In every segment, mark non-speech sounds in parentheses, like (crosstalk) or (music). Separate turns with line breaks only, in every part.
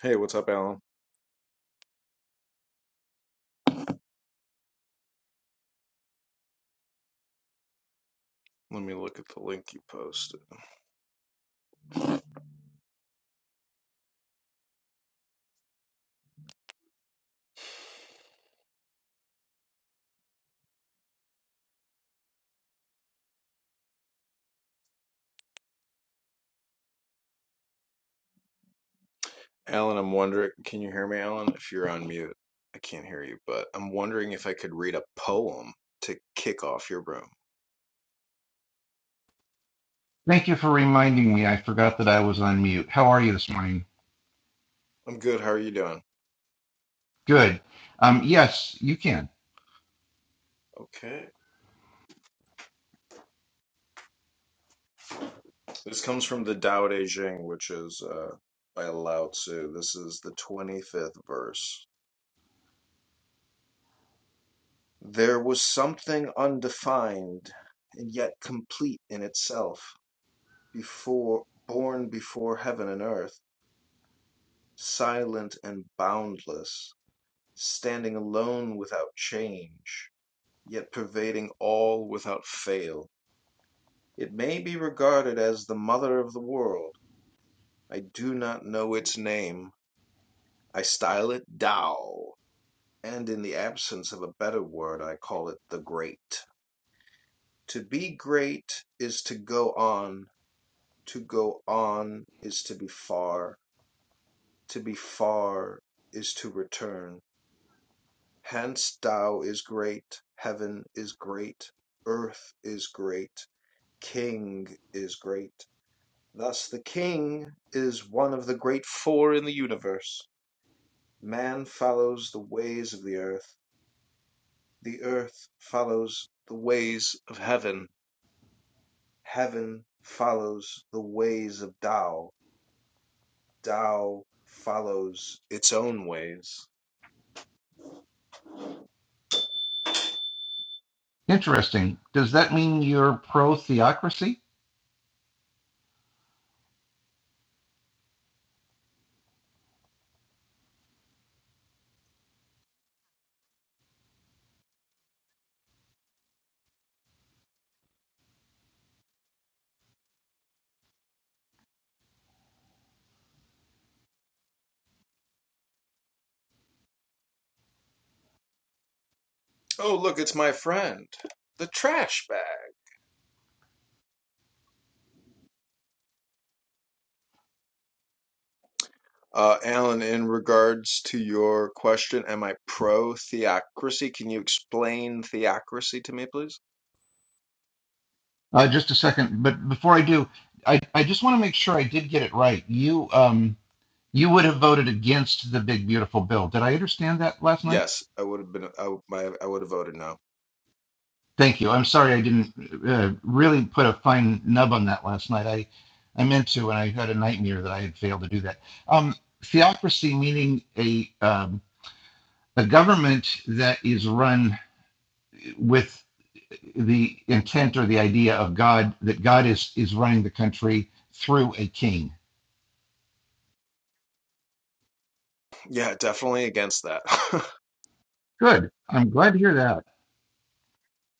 Hey, what's up, Alan? Let me look at the link you posted. Alan, I'm wondering, can you hear me, Alan? If you're on mute, I can't hear you, but I'm wondering if I could read a poem to kick off your room.
Thank you for reminding me. I forgot that I was on mute. How are you this morning?
I'm good. How are you doing?
Good. Um, yes, you can.
Okay. This comes from the Tao Te Ching, which is uh, by Lao Tzu. This is the 25th verse. There was something undefined and yet complete in itself, before born before heaven and earth, silent and boundless Standing alone without change, yet pervading all without fail. It may be regarded as the mother of the world. I do not know its name. I style it Tao, and in the absence of a better word I call it the Great. To be great is to go on, to go on is to be far, to be far is to return. Hence Tao is great, heaven is great, earth is great. King is great. Thus the king is one of the great four in the universe. Man follows the ways of the earth, the earth follows the ways of heaven, heaven follows the ways of Tao, Tao follows its own ways.
Interesting. Does that mean you're pro theocracy?
Oh, look, it's my friend. The trash bag. Uh, Alan, in regards to your question, am I pro theocracy? Can you explain theocracy to me, please?
Uh, just a second, but before I do, I, I just want to make sure I did get it right. You um you would have voted against the big beautiful bill. Did I understand that last night?
Yes, I would have been. I, w- my- I would have voted no.
Thank you. I'm sorry I didn't uh, really put a fine nub on that last night. I I meant to, and I had a nightmare that I had failed to do that. Um, theocracy meaning a um, a government that is run with the intent or the idea of God that God is is running the country through a king.
(laughs) Yeah, definitely against that.
Good. I'm glad to hear that.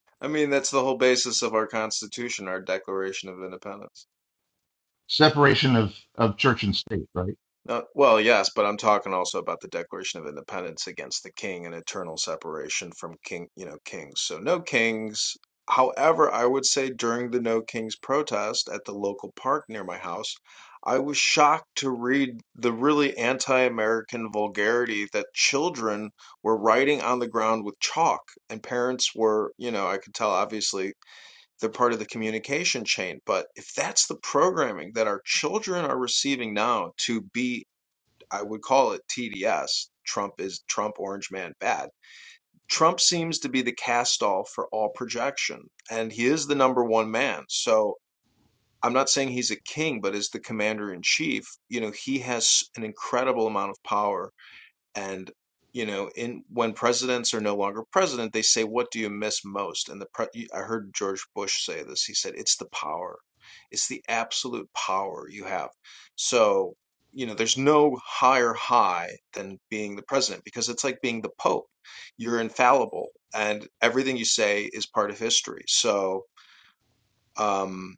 (laughs) I mean, that's the whole basis of our Constitution, our Declaration of Independence.
Separation of of church and state, right?
Uh, well, yes, but I'm talking also about the Declaration of Independence against the king and eternal separation from king, you know, kings. So no kings. However, I would say during the No Kings protest at the local park near my house, I was shocked to read the really anti-American vulgarity that children were writing on the ground with chalk, and parents were, you know, I could tell obviously they're part of the communication chain. But if that's the programming that our children are receiving now to be I would call it TDS. Trump is Trump, Orange Man, bad. Trump seems to be the cast off for all projection, and he is the number one man. So I'm not saying he's a king, but as the commander in chief, you know, he has an incredible amount of power and you know, in when presidents are no longer president, they say, "What do you miss most?" And the pre I heard George Bush say this. He said, "It's the power. It's the absolute power you have." So, you know, there's no higher high than being the president because it's like being the pope. You're infallible, and everything you say is part of history. So, um,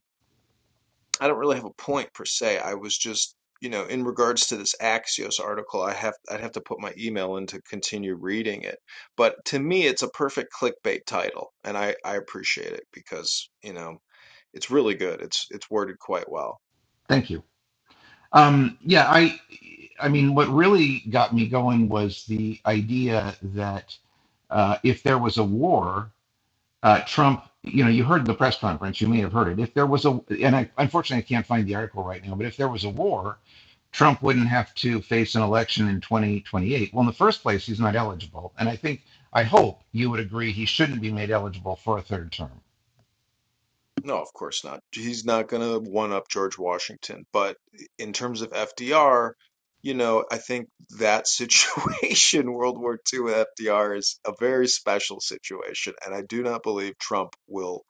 I don't really have a point per se. I was just, you know, in regards to this Axios article, I have I'd have to put my email in to continue reading it. But to me, it's a perfect clickbait title, and I I appreciate it because, you know, it's really good. It's it's worded quite well.
Thank you. Um, yeah, I I mean, what really got me going was the idea that uh, if there was a war, uh, Trump. You know, you heard the press conference. You may have heard it. If there was a, and I, unfortunately, I can't find the article right now. But if there was a war, Trump wouldn't have to face an election in 2028. Well, in the first place, he's not eligible. And I think, I hope you would agree he shouldn't be made eligible for a third term.
No, of course not. He's not going to one up George Washington. But in terms of FDR, you know, I think that situation, (laughs) World War II with FDR, is a very special situation. And I do not believe Trump will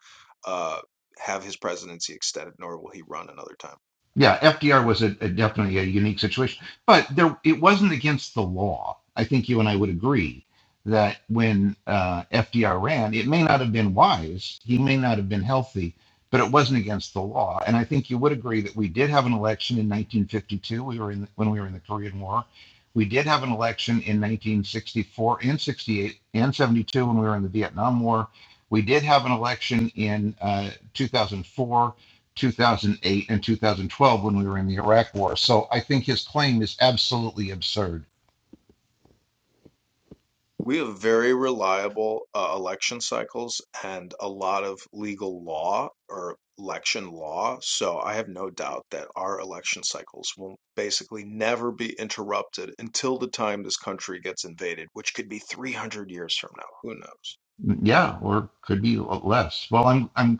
uh, have his presidency extended, nor will he run another time.
Yeah, FDR was a, a definitely a unique situation, but there it wasn't against the law. I think you and I would agree that when uh, FDR ran, it may not have been wise, he may not have been healthy, but it wasn't against the law. And I think you would agree that we did have an election in 1952. We were in the, when we were in the Korean War. We did have an election in 1964 and 68 and 72 when we were in the Vietnam War. We did have an election in uh, 2004 2008 and 2012 when we were in the Iraq War. So I think his claim is absolutely absurd.
We have very reliable uh, election cycles and a lot of legal law or election law. So I have no doubt that our election cycles will basically never be interrupted until the time this country gets invaded, which could be 300 years from now. Who knows?
Yeah, or could be less. Well, I'm I'm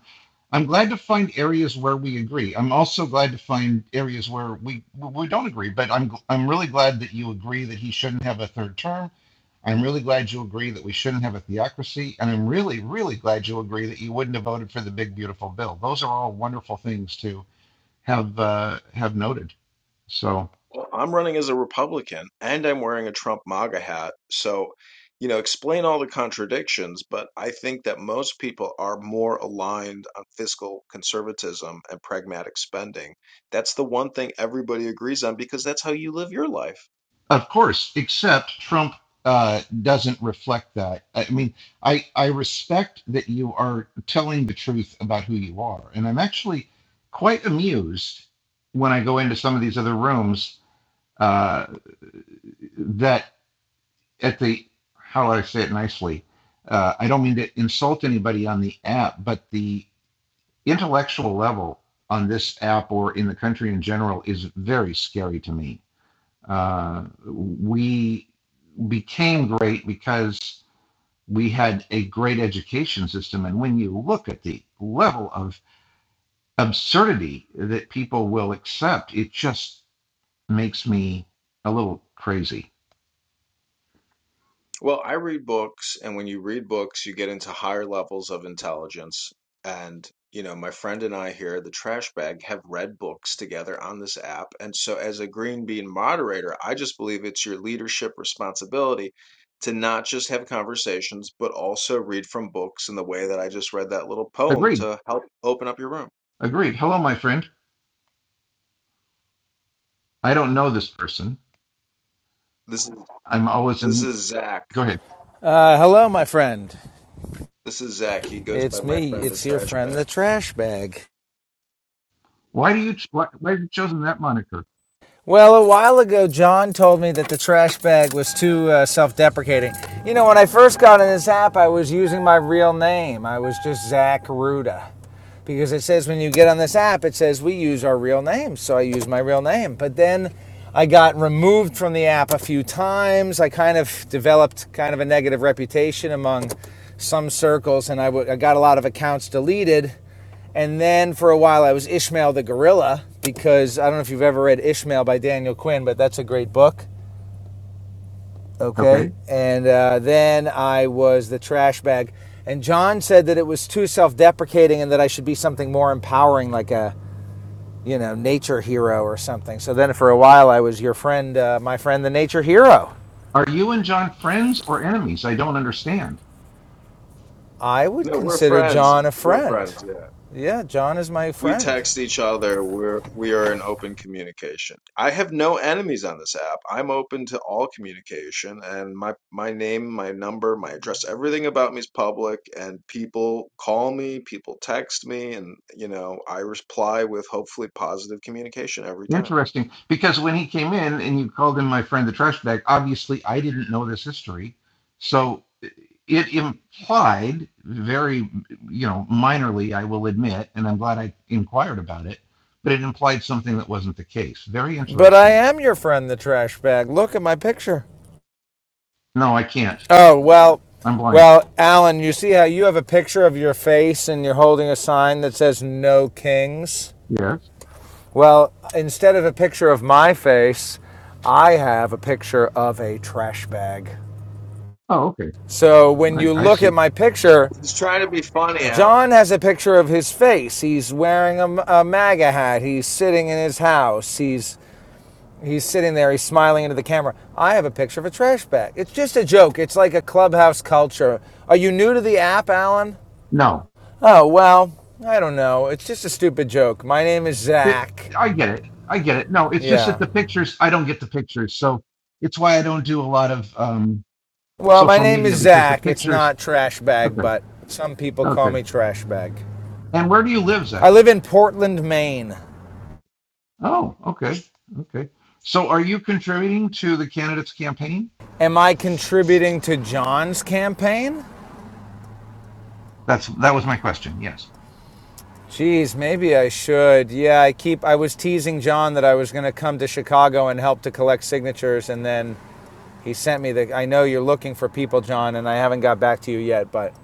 I'm glad to find areas where we agree. I'm also glad to find areas where we we don't agree. But I'm I'm really glad that you agree that he shouldn't have a third term. I'm really glad you agree that we shouldn't have a theocracy, and I'm really really glad you agree that you wouldn't have voted for the big beautiful bill. Those are all wonderful things to have uh, have noted. So.
Well, I'm running as a Republican and I'm wearing a Trump MAGA hat. So, you know, explain all the contradictions, but I think that most people are more aligned on fiscal conservatism and pragmatic spending. That's the one thing everybody agrees on because that's how you live your life.
Of course, except Trump uh, doesn't reflect that. I mean, I I respect that you are telling the truth about who you are, and I'm actually quite amused when I go into some of these other rooms uh, that at the how do I say it nicely? Uh, I don't mean to insult anybody on the app, but the intellectual level on this app or in the country in general is very scary to me. Uh, we became great because we had a great education system. And when you look at the level of absurdity that people will accept, it just makes me a little crazy.
Well, I read books, and when you read books, you get into higher levels of intelligence. And, you know, my friend and I here, the trash bag, have read books together on this app. And so, as a Green Bean moderator, I just believe it's your leadership responsibility to not just have conversations, but also read from books in the way that I just read that little poem
Agreed.
to help open up your room.
Agreed. Hello, my friend. I don't know this person.
This is
I'm always
this
in.
is Zach.
Go ahead.
Uh, hello, my friend.
This is Zach. He goes by
It's
my
me.
friend the
It's your
trash
friend,
bag.
the trash bag.
Why do you? Why, why have you chosen that moniker?
Well, a while ago, John told me that the trash bag was too uh, self deprecating. You know, when I first got in this app, I was using my real name. I was just Zach Ruda. because it says when you get on this app, it says we use our real name. So I use my real name. But then I got removed from the app a few times. I kind of developed kind of a negative reputation among some circles, and I w- I got a lot of accounts deleted. And then for a while, I was Ishmael the Gorilla because I don't know if you've ever read Ishmael by Daniel Quinn, but that's a great book.
Okay.
Okay. And uh, then I was the trash bag. And John said that it was too self deprecating and that I should be something more empowering, like a, you know, nature hero or something. So then for a while I was your friend, uh, my friend, the nature hero.
Are you and John friends or enemies? I don't understand.
I would
No, we're
consider
friends.
John a
We're
friend.
friends. yeah.
Yeah, John is my
we
friend.
text each other we're we are in open communication i have no enemies on this app i'm open to all communication and my my name my number my address everything about me is public and people call me people text me and you know i reply with hopefully positive communication every time
Interesting, because when he came in and you called him my friend the trash bag, obviously I didn't know this history, so it implied very, you know, minorly, I will admit, and I'm glad I inquired about it, but it implied something that wasn't the case. Very
But I
interesting.
am your friend, the trash bag. Look at my picture.
No, I can't.
Oh, well,
I'm blind.
well, Alan, you see how you have a picture of your face and you're holding a sign that says no kings?
Yes.
Well, instead of a picture of my face, I have a picture of a trash bag.
Oh, okay.
So when
I,
you
I
look at
see.
my picture,
he's trying to be funny alan
John has a picture of his face. He's wearing a a MAGA hat. He's sitting in his house. He's he's sitting there. He's smiling into the camera. I have a picture of a trash bag. It's just a joke. It's like a clubhouse culture. Are you new to the app, Alan?
No,
Oh well, I don't know. It's just a stupid joke. My name is
it,
Zach.
I get it. I get it. No, it's just that
Yeah.
the pictures, I don't get the pictures, so it's why I don't do a lot of um,
Well, my
social
name is
media because the
Zach. It's
pictures
not trash bag,
Okay,
but some people call
okay.
me trash bag.
And where do you live,
I
Zach?
live in Portland, Maine.
Oh, okay, okay. So are you contributing to the candidates' campaign?
Am I contributing to John's campaign?
That's that was my question. Yes.
Geez, maybe I should. Yeah, I keep I was teasing John that I was going to come to Chicago and help to collect signatures and then he sent me the I know you're looking for people, John, and I haven't got back to you yet, but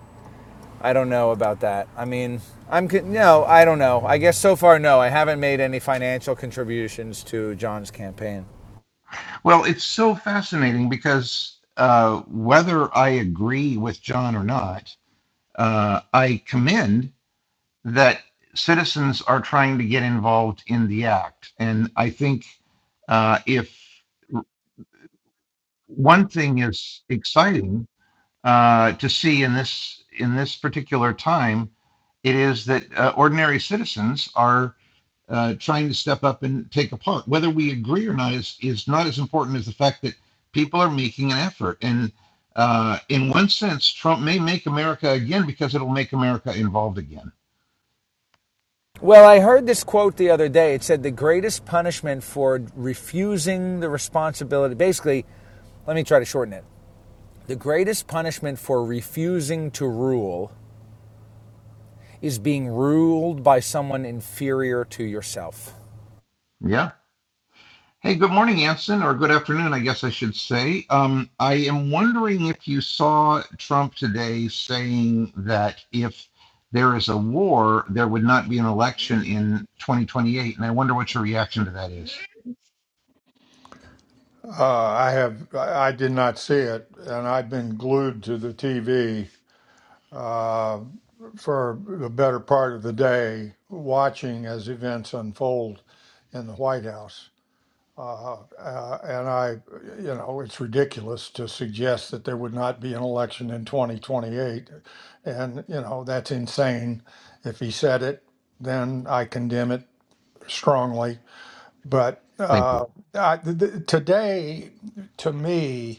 I don't know about that. I mean, I'm no, I don't know. I guess so far no. I haven't made any financial contributions to John's campaign.
Well, it's so fascinating because uh, whether I agree with John or not, uh, I commend that citizens are trying to get involved in the act, and I think uh, if one thing is exciting uh, to see in this in this particular time, it is that uh, ordinary citizens are uh, trying to step up and take a part. Whether we agree or not is is not as important as the fact that people are making an effort. And uh, in one sense, Trump may make America again because it'll make America involved again.
Well, I heard this quote the other day. It said the greatest punishment for refusing the responsibility, basically, let me try to shorten it. The greatest punishment for refusing to rule is being ruled by someone inferior to yourself.
Yeah. Hey, good morning, Anson, or good afternoon, I guess I should say. Um, I am wondering if you saw Trump today saying that if there is a war, there would not be an election in 2028, and I wonder what your reaction to that is.
Uh, I have. I did not see it, and I've been glued to the TV for the better part of the day, watching as events unfold in the White House. Uh, and I, you know, it's ridiculous to suggest that there would not be an election in 2028, and you know that's insane. If he said it, then I condemn it strongly. But
Thank you.
uh, th- th- today, to me.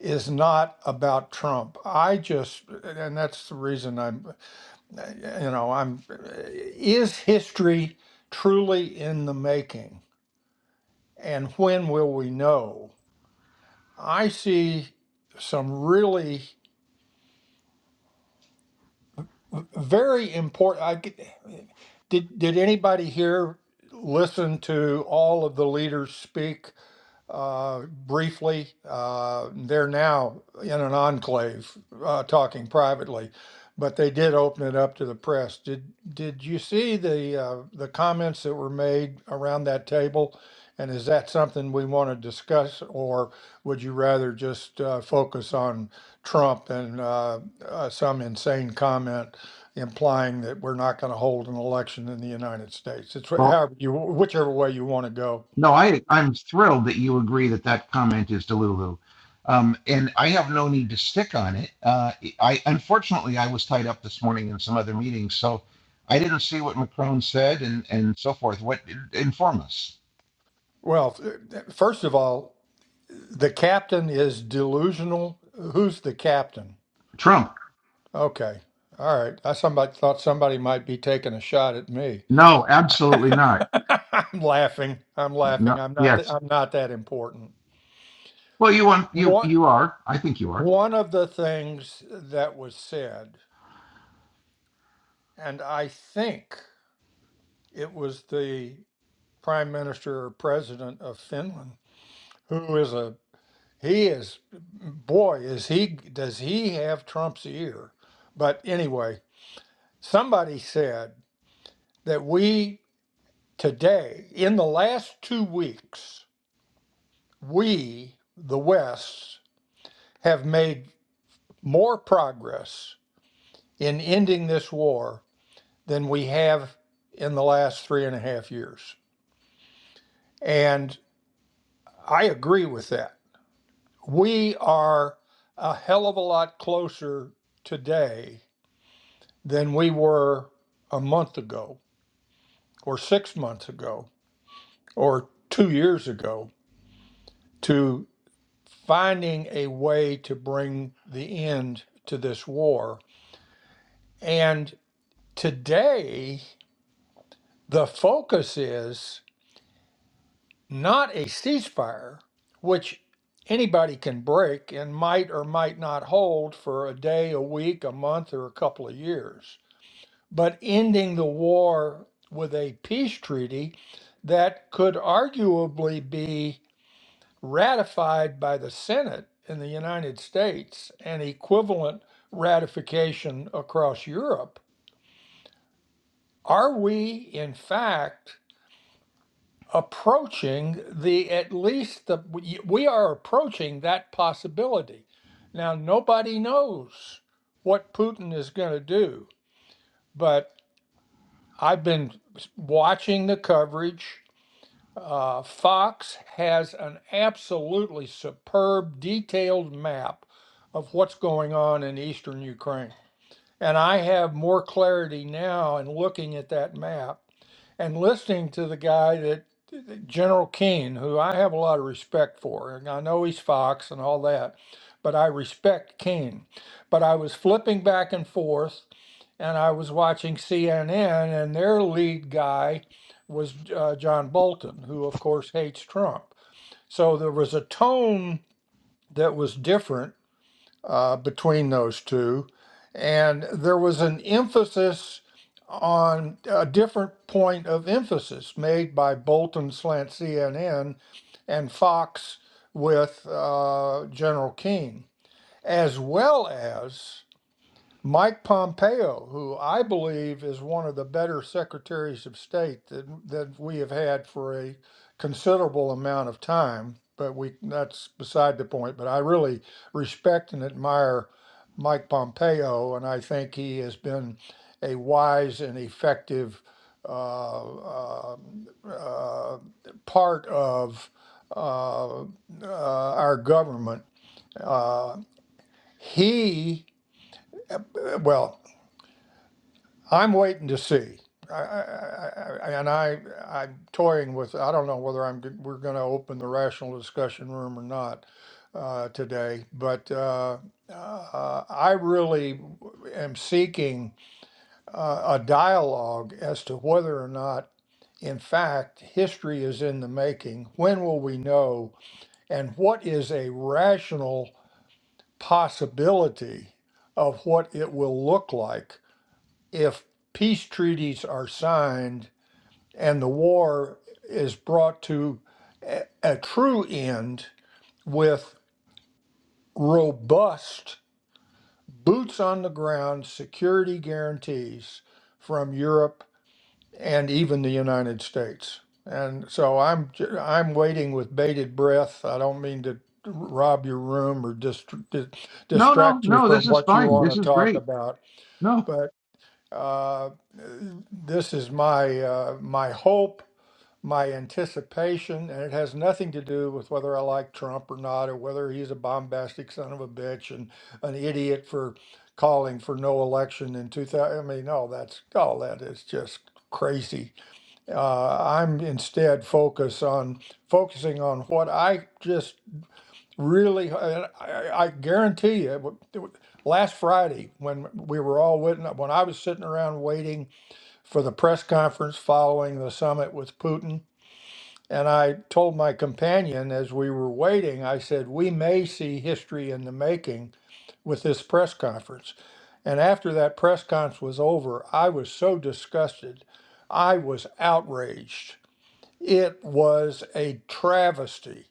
is not about Trump. I just, and that's the reason I'm, you know, I'm, is history truly in the making? And when will we know? I see some really very important. I, get- did, did anybody here listen to all of the leaders speak? uh, briefly. Uh, they're now in an enclave uh, talking privately, but they did open it up to the press. Did did you see the uh, the comments that were made around that table? And is that something we want to discuss, or would you rather just uh, focus on Trump and uh, uh, some insane comment implying that we're not going to hold an election in the United States? It's wh-
Well,
however you, whichever way you want to go.
no, I I'm thrilled that you agree that that comment is Delulu, um, and I have no need to stick on it. Uh, I unfortunately I was tied up this morning in some other meetings, so I didn't see what Macron said and and so forth. What inform us?
Well, uh, first of all, the captain is delusional. Who's the captain?
Trump.
Okay. All right. I somebody thought somebody might be taking a shot at me.
No,
(laughs)
absolutely not.
I'm laughing. I'm laughing.
No,
I'm not that
yes.
I'm not that important.
Well, you want you
One
you are. I think you are.
one of the things that was said, and I think it was the prime minister or president of Finland, who is a He is, boy, is he, does he have Trump's ear? But anyway, somebody said that we today, in the last two weeks, we, the West, have made more progress in ending this war than we have in the last three and a half years. And I agree with that. We are a hell of a lot closer today than we were a month ago, or six months ago, or two years ago, to finding a way to bring the end to this war. And today, the focus is not a ceasefire, which anybody can break and might or might not hold for a day, a week, a month, or a couple of years but ending the war with a peace treaty that could arguably be ratified by the Senate in the United States and equivalent ratification across Europe. Are we, in fact, approaching the at least the we we are approaching that possibility? Now, nobody knows what Putin is going to do, but I've been watching the coverage Uh, Fox has an absolutely superb detailed map of what's going on in eastern Ukraine. And I have more clarity now in looking at that map and listening to the guy that General Keane, who I have a lot of respect for. And I know he's Fox and all that, but I respect Keane. But I was flipping back and forth and I was watching CNN, and their lead guy was uh, John Bolton, who, of course, hates Trump. So there was a tone that was different uh, between those two, and there was an emphasis on a different point of emphasis made by Bolton slant CNN and Fox with uh, General King, as well as. Mike Pompeo, who I believe is one of the better secretaries of state that that we have had for a considerable amount of time, but we that's beside the point. But I really respect and admire Mike Pompeo, and I think he has been a wise and effective uh, uh, uh, part of uh, uh, our government. Uh, he well. I'm waiting to see. I, I, I, and I, I'm toying with. I don't know whether I'm. We're going to open the rational discussion room or not uh, today. But uh, uh, I really am seeking uh, a dialogue as to whether or not, in fact, history is in the making. When will we know? And what is a rational possibility of what it will look like? if peace treaties are signed and the war is brought to a, a true end with robust boots on the ground security guarantees from Europe and even the United States. And so I'm j- I'm waiting with bated breath. I don't mean to rob your room or dist- di-
No, no,
distract you
no.
from
This is
what you
fine.
want
This
to
is
talk
great.
about,
No,
Uh, this is my uh, my hope, my anticipation, and it has nothing to do with whether I like Trump or not, or whether he's a bombastic son of a bitch and an idiot for calling for no election in 2000. I mean, all that's all that is just crazy. Uh, I'm instead focus on focusing on what I just really. I, I I guarantee you, last Friday when we were all witness, when I was sitting around waiting for the press conference following the summit with Putin. And I told my companion as we were waiting, I said, we may see history in the making with this press conference. And after that press conference was over, I was so disgusted. I was outraged. It was a travesty.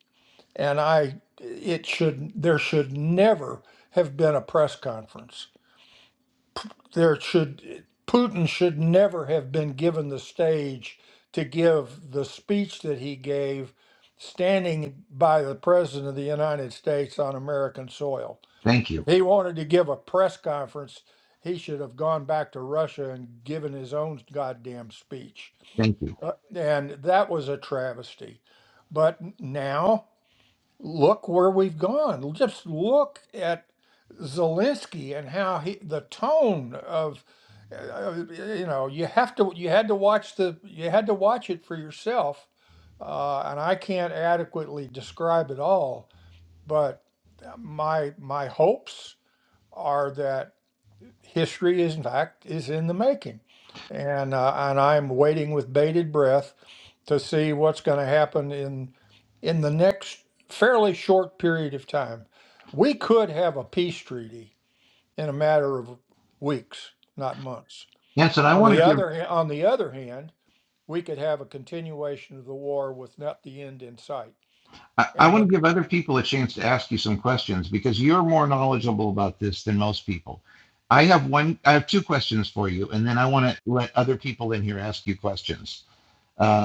And I, it should, there should never have been a press conference there should Putin should never have been given the stage to give the speech that he gave standing by the president of the United States on American soil.
thank you,
If he wanted to give a press conference, he should have gone back to Russia and given his own goddamn speech.
thank you,
Uh, and that was a travesty. But now Look where we've gone. Just look at Zelensky and how he, the tone of, uh, you know, you have to, you had to watch the, you had to watch it for yourself. Uh, and I can't adequately describe it all, but my, my hopes are that history is in fact is in the making and uh, and I'm waiting with bated breath to see what's going to happen in in the next fairly short period of time. We could have a peace treaty in a matter of weeks, not months.
Hanson. I
On
want to
the
give
other ha- on the other hand, we could have a continuation of the war with not the end in sight,
I, I
and
want
when,
to give other people a chance to ask you some questions because you're more knowledgeable about this than most people. I have one. I have two questions for you, and then I want to let other people in here ask you questions. Uh,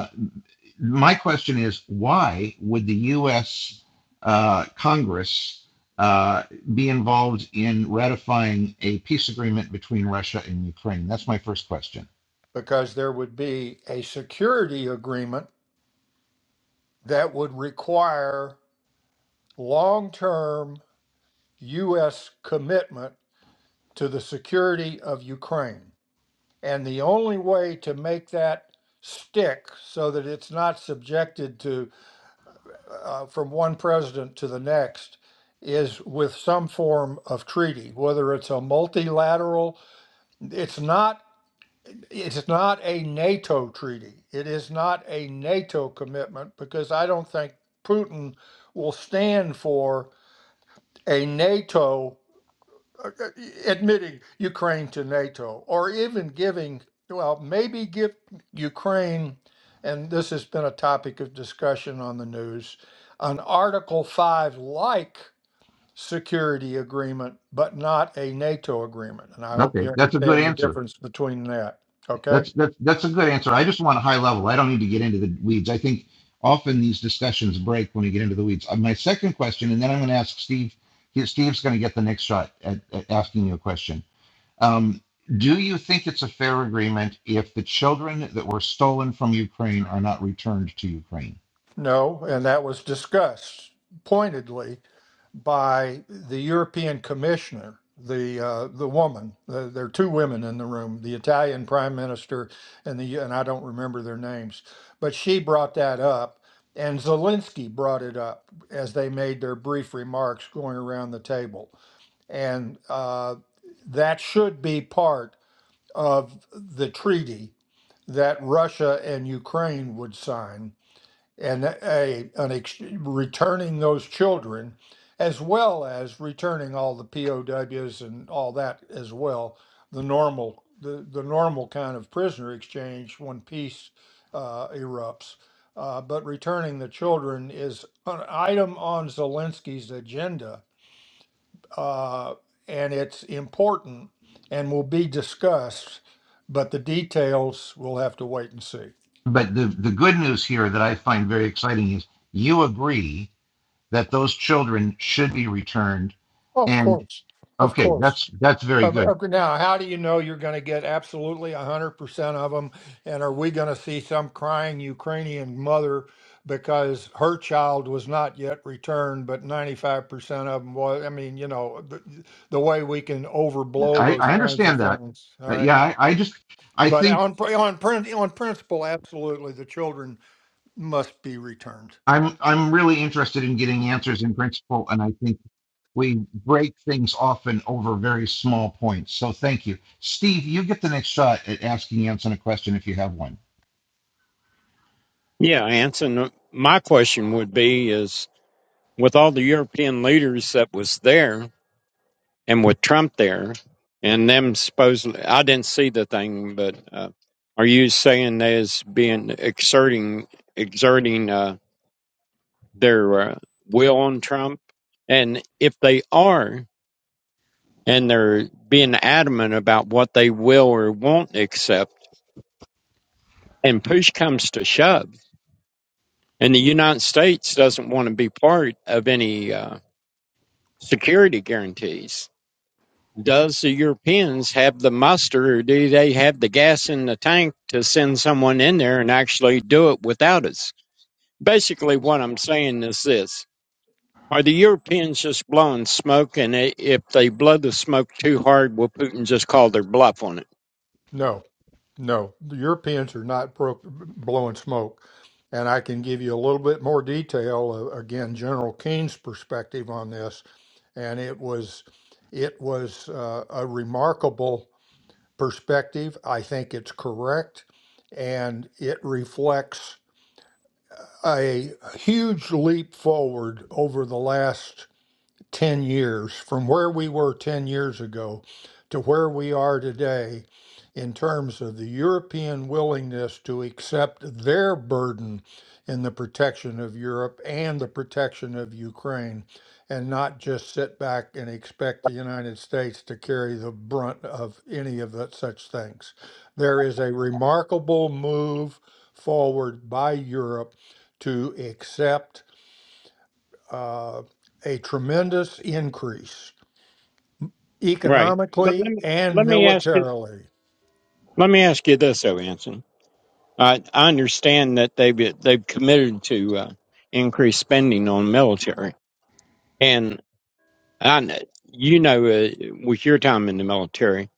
my question is why would the U.S. Uh, Congress uh, be involved in ratifying a peace agreement between Russia and Ukraine? That's my first question.
because there would be a security agreement that would require long-term U.S. commitment to the security of Ukraine. And the only way to make that stick so that it's not subjected to uh, from one president to the next is with some form of treaty, whether it's a multilateral, it's not. It's not a NATO treaty. It is not a NATO commitment because I don't think Putin will stand for a NATO uh, uh, admitting Ukraine to NATO, or even giving, well, maybe give Ukraine, and this has been a topic of discussion on the news, an Article 5 like security agreement, but not a NATO agreement. And I hope
Okay,
you
that's a good
understand the
answer.
difference between that. Okay.
That's that's that's a good answer. I just want a high level. I don't need to get into the weeds. I think often these discussions break when we get into the weeds. Uh, my second question, and then I'm going to ask Steve. Steve's going to get the next shot at, at asking you a question Um, do you think it's a fair agreement if the children that were stolen from Ukraine are not returned to Ukraine?
No, and that was discussed pointedly by the European commissioner, the uh, the woman. The, there are two women in the room, the Italian prime minister and the and I don't remember their names, but she brought that up, and Zelensky brought it up as they made their brief remarks going around the table, and uh, that should be part of the treaty that Russia and Ukraine would sign and a an ex- returning those children as well as returning all the POWs and all that as well the normal the, the normal kind of prisoner exchange when peace uh, erupts uh, but returning the children is an item on Zelensky's agenda uh, and it's important and will be discussed but the details we'll have to wait and see
But the, the good news here that I find very exciting is you agree that those children should be returned.
oh of
And
course of
okay,
course
that's that's very
Uh, but-
good.
okay, Now, how do you know you're going to get absolutely 100% of them? And are we going to see some crying Ukrainian mother because her child was not yet returned, but 95% of them was? I mean, you know, the, the way we can overblow
I,
those
I
kinds of
understand that.
things. All
Uh,
right.
yeah, I, I just I
But
think
on, pr- on, prin- on principle, absolutely, the children must be returned.
I'm I'm really interested in getting answers in principle, and I think. we break things often over very small points. So thank you. Steve, you get the next shot at asking Anson a question if you have one.
Yeah, Anson, my question would be is with all the European leaders that was there and with Trump there and them supposedly, I didn't see the thing, but uh, are you saying there's been exerting, exerting uh, their uh, will on Trump? And if they are, and they're being adamant about what they will or won't accept, and push comes to shove, and the United States doesn't want to be part of any. uh, security guarantees. Does the Europeans have the muster or do they have the gas in the tank to send someone in there and actually do it without us? Basically, what I'm saying is this. Are the Europeans just blowing smoke? And i- if they blow the smoke too hard, will Putin just call their bluff on it?
No. No, the Europeans are not bro- blowing smoke. And I can give you a little bit more detail. Uh, again, General Keene's perspective on this, and it was it was uh, a remarkable perspective. I think it's correct, and it reflects a huge leap forward over the last 10 years from where we were 10 years ago to where we are today in terms of the European willingness to accept their burden in the protection of Europe and the protection of Ukraine and not just sit back and expect the United States to carry the brunt of any of that such things. There is a remarkable move forward by Europe to accept uh, a tremendous increase
Right. But let
economically
me,
and
let me ask you.
militarily.
Let me ask you this, though, Anson. I, I understand that they've they've committed to uh, increase spending on military, and. And uh, you know, uh, with your time in the military,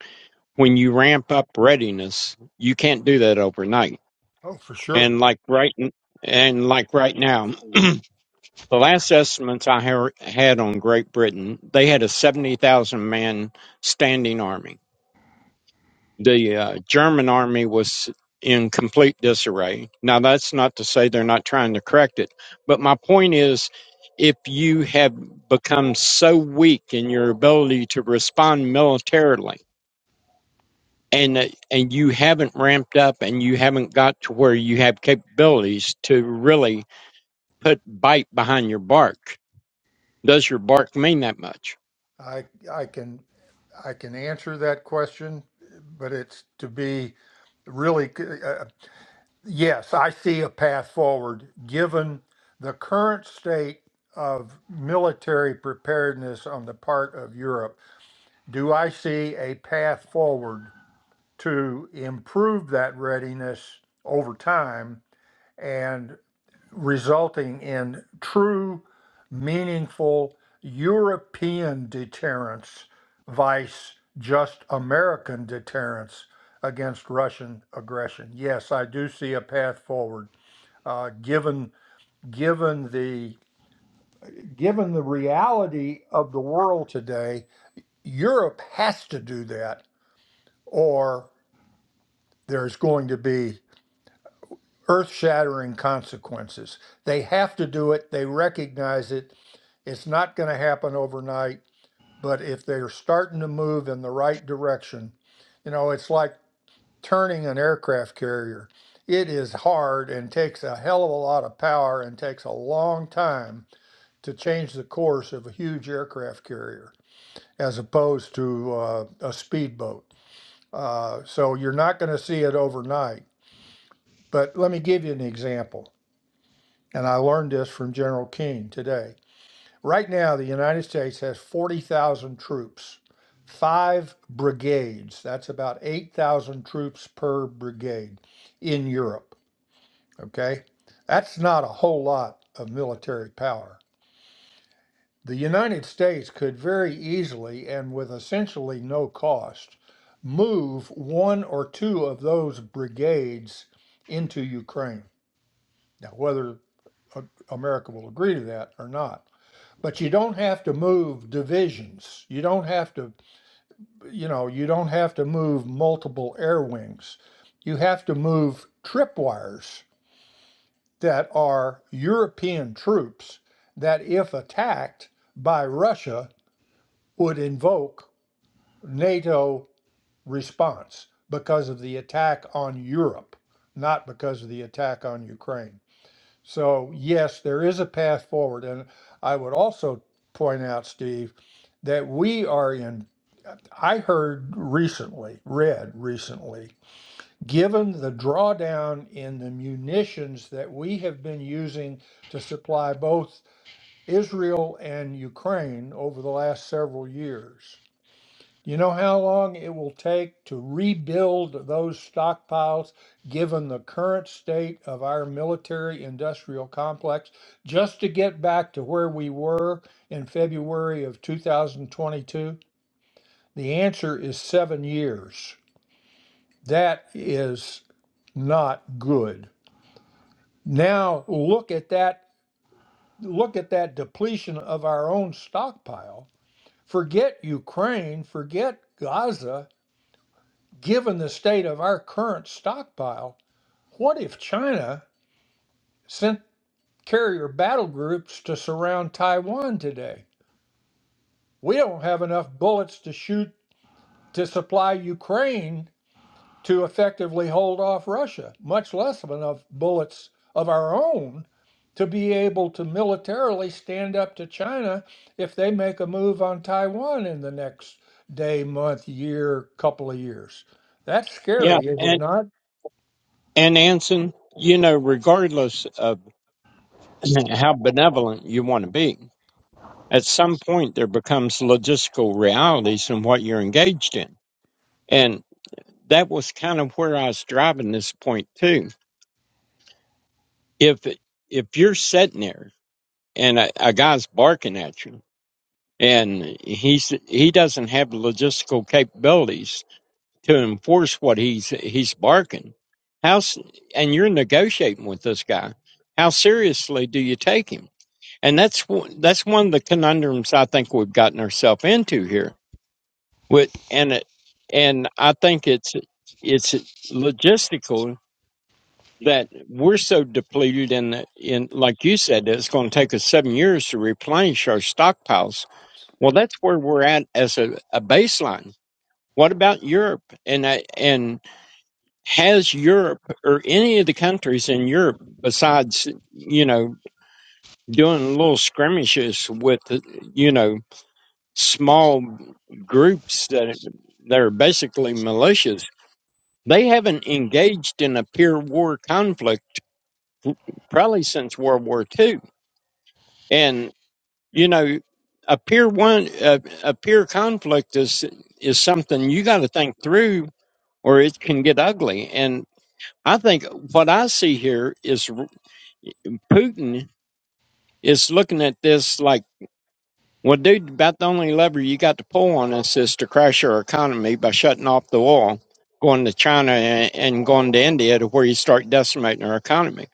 when you ramp up readiness, you can't do that overnight.
Oh, for sure.
And like right, and like right now, the last estimates I ha- had on Great Britain, they had a seventy thousand man standing army. The uh, German army was in complete disarray. Now, that's not to say they're not trying to correct it, but my point is, if you have become so weak in your ability to respond militarily and uh, and you haven't ramped up and you haven't got to where you have capabilities to really put bite behind your bark does your bark mean that much
I I can I can answer that question, but it's to be really c- uh, yes, I see a path forward given the current state of military preparedness on the part of Europe. Do I see a path forward to improve that readiness over time? and? resulting in true, meaningful European deterrence, vice just American deterrence against Russian aggression. Yes, I do see a path forward. Uh, given given the given the reality of the world today, Europe has to do that, or there's going to be earth shattering consequences. They have to do it, they recognize it. It's not going to happen overnight, but if they're starting to move in the right direction, you know, it's like turning an aircraft carrier. It is hard and takes a hell of a lot of power and takes a long time to change the course of a huge aircraft carrier as opposed to uh, a speedboat. Uh, so you're not going to see it overnight. But let me give you an example. and I learned this from General King today. Right now, the United States has 40,000 troops, five brigades. That's about 8,000 troops per brigade in Europe. Okay? That's not a whole lot of military power. The United States could very easily and with essentially no cost move one or two of those brigades into Ukraine. Now, whether uh, America will agree to that or not But you don't have to move divisions. You don't have to, you know, you don't have to move multiple air wings. You have to move tripwires that are European troops that, if attacked by Russia, would invoke NATO response because of the attack on Europe, not because of the attack on Ukraine. So, yes, there is a path forward. And I would also point out, Steve, that we are in, I heard recently, read recently, given the drawdown in the munitions that we have been using to supply both Israel and Ukraine over the last several years. You know how long it will take to rebuild those stockpiles, given the current state of our military industrial complex, just to get back to where we were in February of 2022? The answer is seven years. That is not good. Now look at that look at that depletion of our own stockpile. Forget Ukraine, forget Gaza, given the state of our current stockpile, what if China sent carrier battle groups to surround Taiwan today? We don't have enough bullets to shoot to supply Ukraine to effectively hold off Russia, much less of enough bullets of our own to be able to militarily stand up to China if they make a move on Taiwan in the next day, month, year, couple of years. That's
yeah
scary, is it
and
not?
and anson you know regardless of (clears throat) how benevolent you want to be at some point there becomes logistical realities in what you're engaged in and that was kind of where i was driving this point too if if you're sitting there and a, a guy's barking at you and he's he doesn't have the logistical capabilities to enforce what he's he's barking. How s- and you're negotiating with this guy. How seriously do you take him? And that's one- that's one of the conundrums I think we've gotten ourselves into here. With and it, and I think it's it's logistical that we're so depleted in the- in like you said that it's going to take us seven years to replenish our stockpiles well, that's where we're at as a, a baseline. What about Europe? And I- and has Europe or any of the countries in Europe, besides you know doing little skirmishes with you know small groups that that are basically militias, they haven't engaged in a pure war conflict probably since World War Two, and. you know a peer one a, a peer conflict is is something you got to think through or it can get ugly and i think what i see here is r- putin is looking at this like well dude about the only lever you got to pull on us is to crash our economy by shutting off the oil going to china and, and going to india to where you start decimating our economy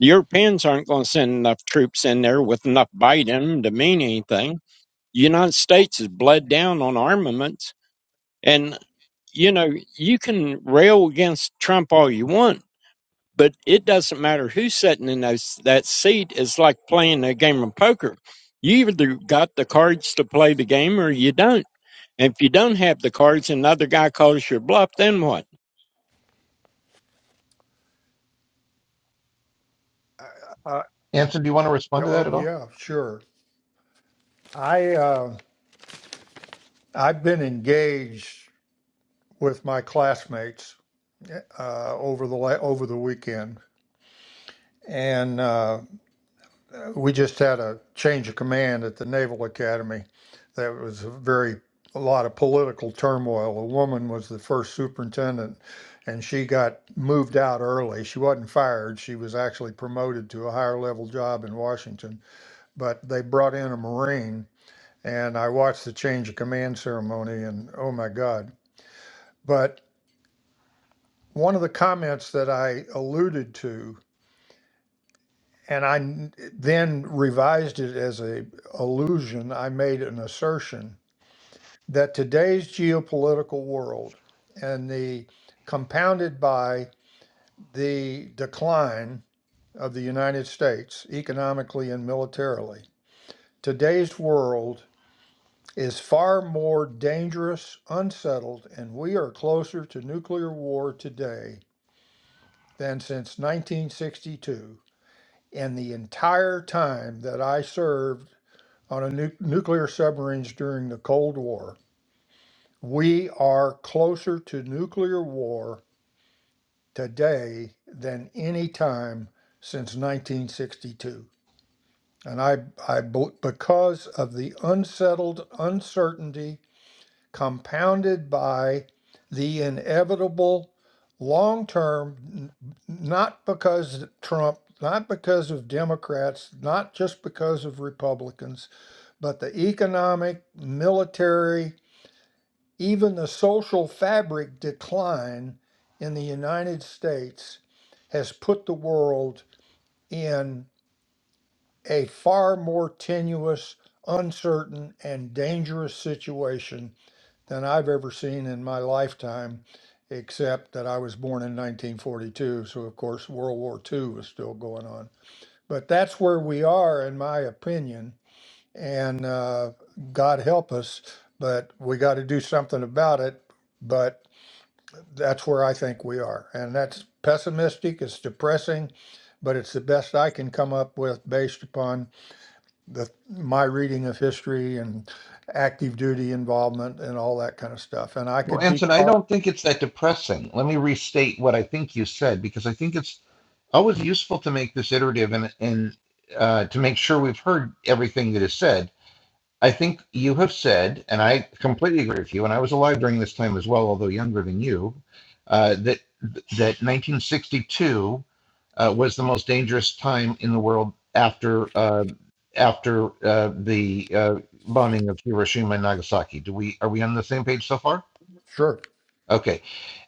the europeans aren't going to send enough troops in there with enough bite in them to mean anything The United States has bled down on armaments. And, you know, you can rail against Trump all you want, but it doesn't matter who's sitting in those, that seat. It's like playing a game of poker. You either got the cards to play the game or you don't. And if you don't have the cards and another guy calls your bluff, then what?
Uh,
Anson, do you want to
Yeah,
respond to that
Oh,
at all?
yeah, sure. I uh, I've been engaged with my classmates uh, over the la- over the weekend, and uh, we just had a change of command at the Naval Academy. That was a very a lot of political turmoil. A woman was the first superintendent, and she got moved out early. She wasn't fired. She was actually promoted to a higher level job in Washington, but they brought in a Marine and I watched the change of command ceremony, and oh my God. But one of the comments that I alluded to, and I then revised it as a allusion, I made an assertion that today's geopolitical world and the compounded by the decline of the United States economically and militarily, today's world is far more dangerous, unsettled, and we are closer to nuclear war today than since 1962 and the entire time that I served on a nu- nuclear submarines during the Cold War. We are closer to nuclear war today than any time since 1962. And I, I, bel- because of the unsettled uncertainty compounded by the inevitable long term, not because Trump, not because of Democrats, not just because of Republicans, but the economic, military, even the social fabric decline in the United States has put the world in a far more tenuous, uncertain, and dangerous situation than I've ever seen in my lifetime, except that I was born in 1942. So, of course, World War II was still going on. But that's where we are, in my opinion. And uh, God help us, but we got to do something about it. But that's where I think we are. And that's pessimistic, it's depressing, but it's the best I can come up with based upon the my reading of history and active duty involvement and all that kind of stuff. And I
Well,
could be
Anson, I
caught.
don't think it's that depressing. Let me restate what I think you said because I think it's always useful to make this iterative and and uh, to make sure we've heard everything that is said I think you have said, and I completely agree with you, and I was alive during this time as well, although younger than you, uh, that that 1962 uh, was the most dangerous time in the world after uh, after uh, the uh, bombing of Hiroshima and Nagasaki. Do we are we on the same page so far?
Sure,
Okay,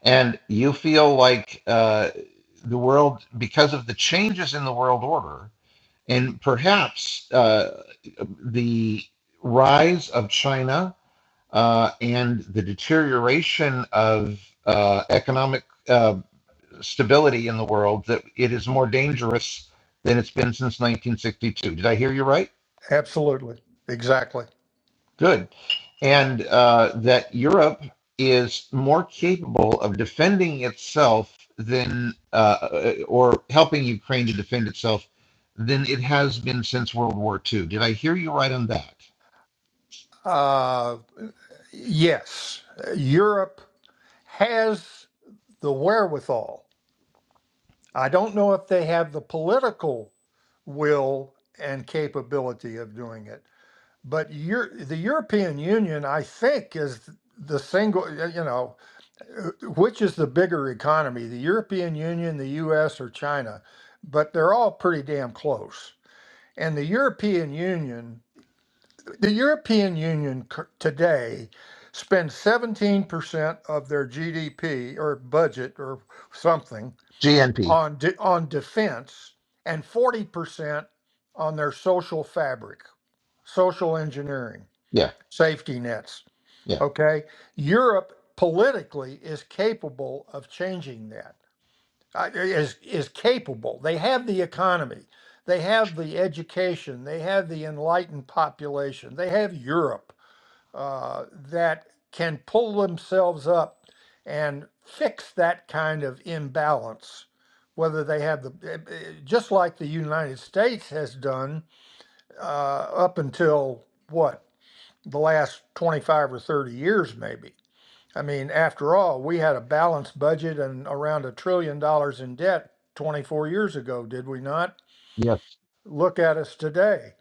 and you feel like uh, the world because of the changes in the world order and perhaps uh, the rise of China uh, and the deterioration of uh, economic uh, stability in the world that it is more dangerous than it's been since 1962. Did I hear you right?
absolutely, exactly.
Good. And uh, that Europe is more capable of defending itself than, uh, uh, or helping Ukraine to defend itself than it has been since World War II. Did I hear you right on that?
Uh, yes, Europe has the wherewithal. I don't know if they have the political will and capability of doing it, but Eur- the European Union, I think, is the single. You know, uh, which is the bigger economy, the European Union, the US, or China? But they're all pretty damn close. And the European Union, the European Union cur- today spends 17% of their GDP or budget or something
GNP.
on de- on defense and 40% on their social fabric, social engineering,
Yeah.
safety nets
Yeah.
Okay. Europe politically is capable of changing that. uh, Is is capable. They have the economy. They have the education. They have the enlightened population. They have Europe uh, that can pull themselves up and fix that kind of imbalance. Whether they have the eh, eh, just like the United States has done uh, up until what the last twenty five or thirty years, maybe I mean, after all, we had a balanced budget and around a trillion dollars in debt 24 years ago, did we not?
Yes.
Look at us today.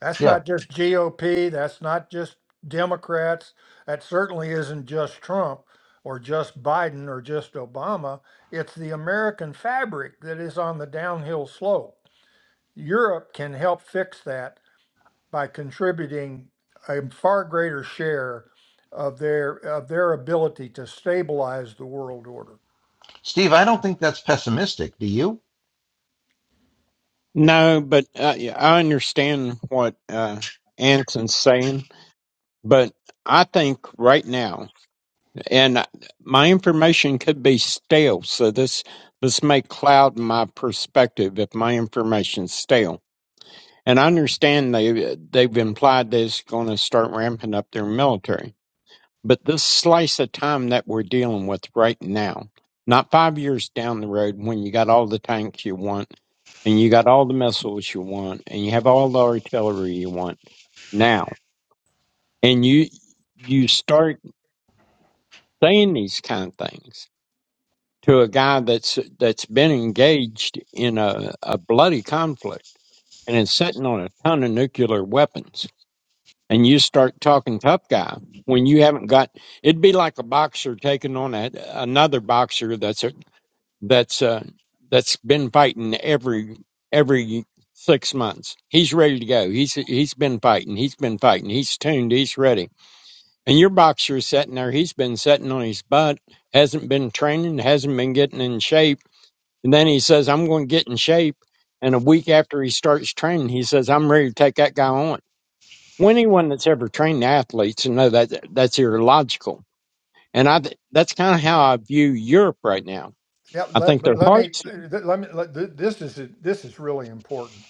That's
Yeah.
not just GOP, that's not just Democrats, that certainly isn't just Trump or just Biden or just Obama. It's the American fabric that is on the downhill slope. Europe can help fix that by contributing a far greater share of their of their ability to stabilize the world order.
Steve, I don't think that's pessimistic. Do you?
No, but uh, yeah, I understand what uh, Anson's saying. But I think right now and my information could be stale. So this this may cloud my perspective if my information's stale. And I understand they they've implied they're going to start ramping up their military, but this slice of time that we're dealing with right now, not five years down the road when you got all the tanks you want. And you got all the missiles you want, and you have all the artillery you want now. And you you start saying these kind of things to a guy that's that's been engaged in a, a bloody conflict and is sitting on a ton of nuclear weapons and you start talking tough guy when you haven't got it'd be like a boxer taking on a, another boxer that's a, that's uh that's been fighting every every six months he's ready to go he's he's been fighting he's been fighting he's tuned he's ready and your boxer's sitting there he's been sitting on his butt hasn't been training hasn't been getting in shape and then he says, I'm going to get in shape. And a week after he starts training, he says, I'm ready to take that guy on. Well, anyone that's ever trained athletes you know that that's illogical. And I, th- that's kind of how I view Europe right now.
Yeah,
I
let
think
but
their
let me
hearts.
let me let, th- this is this is really important.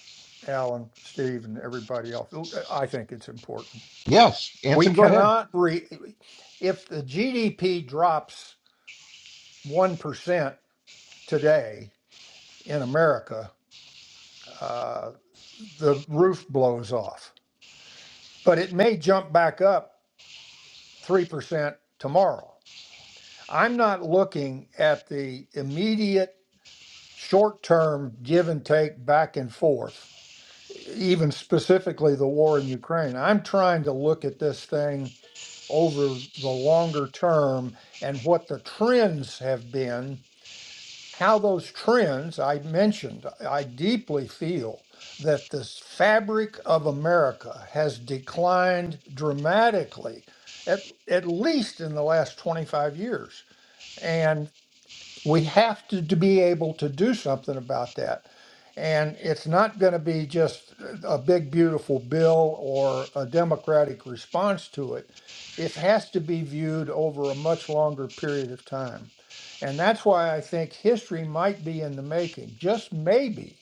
Alan, Steve, and everybody else. I think it's important.
Yes.
We
Anson, go ahead.
cannot re if the GDP drops one percent today in America, uh, the roof blows off. But it may jump back up three percent tomorrow. I'm not looking at the immediate short term give and take back and forth, even specifically the war in Ukraine. I'm trying to look at this thing over the longer term and what the trends have been. How those trends I mentioned, I deeply feel that this fabric of America has declined dramatically, at, at least in the last 25 years. and we have to, to be able to do something about that. And it's not going to be just a big, beautiful bill or a democratic response to it. It has to be viewed over a much longer period of time. And that's why I think history might be in the making, just maybe,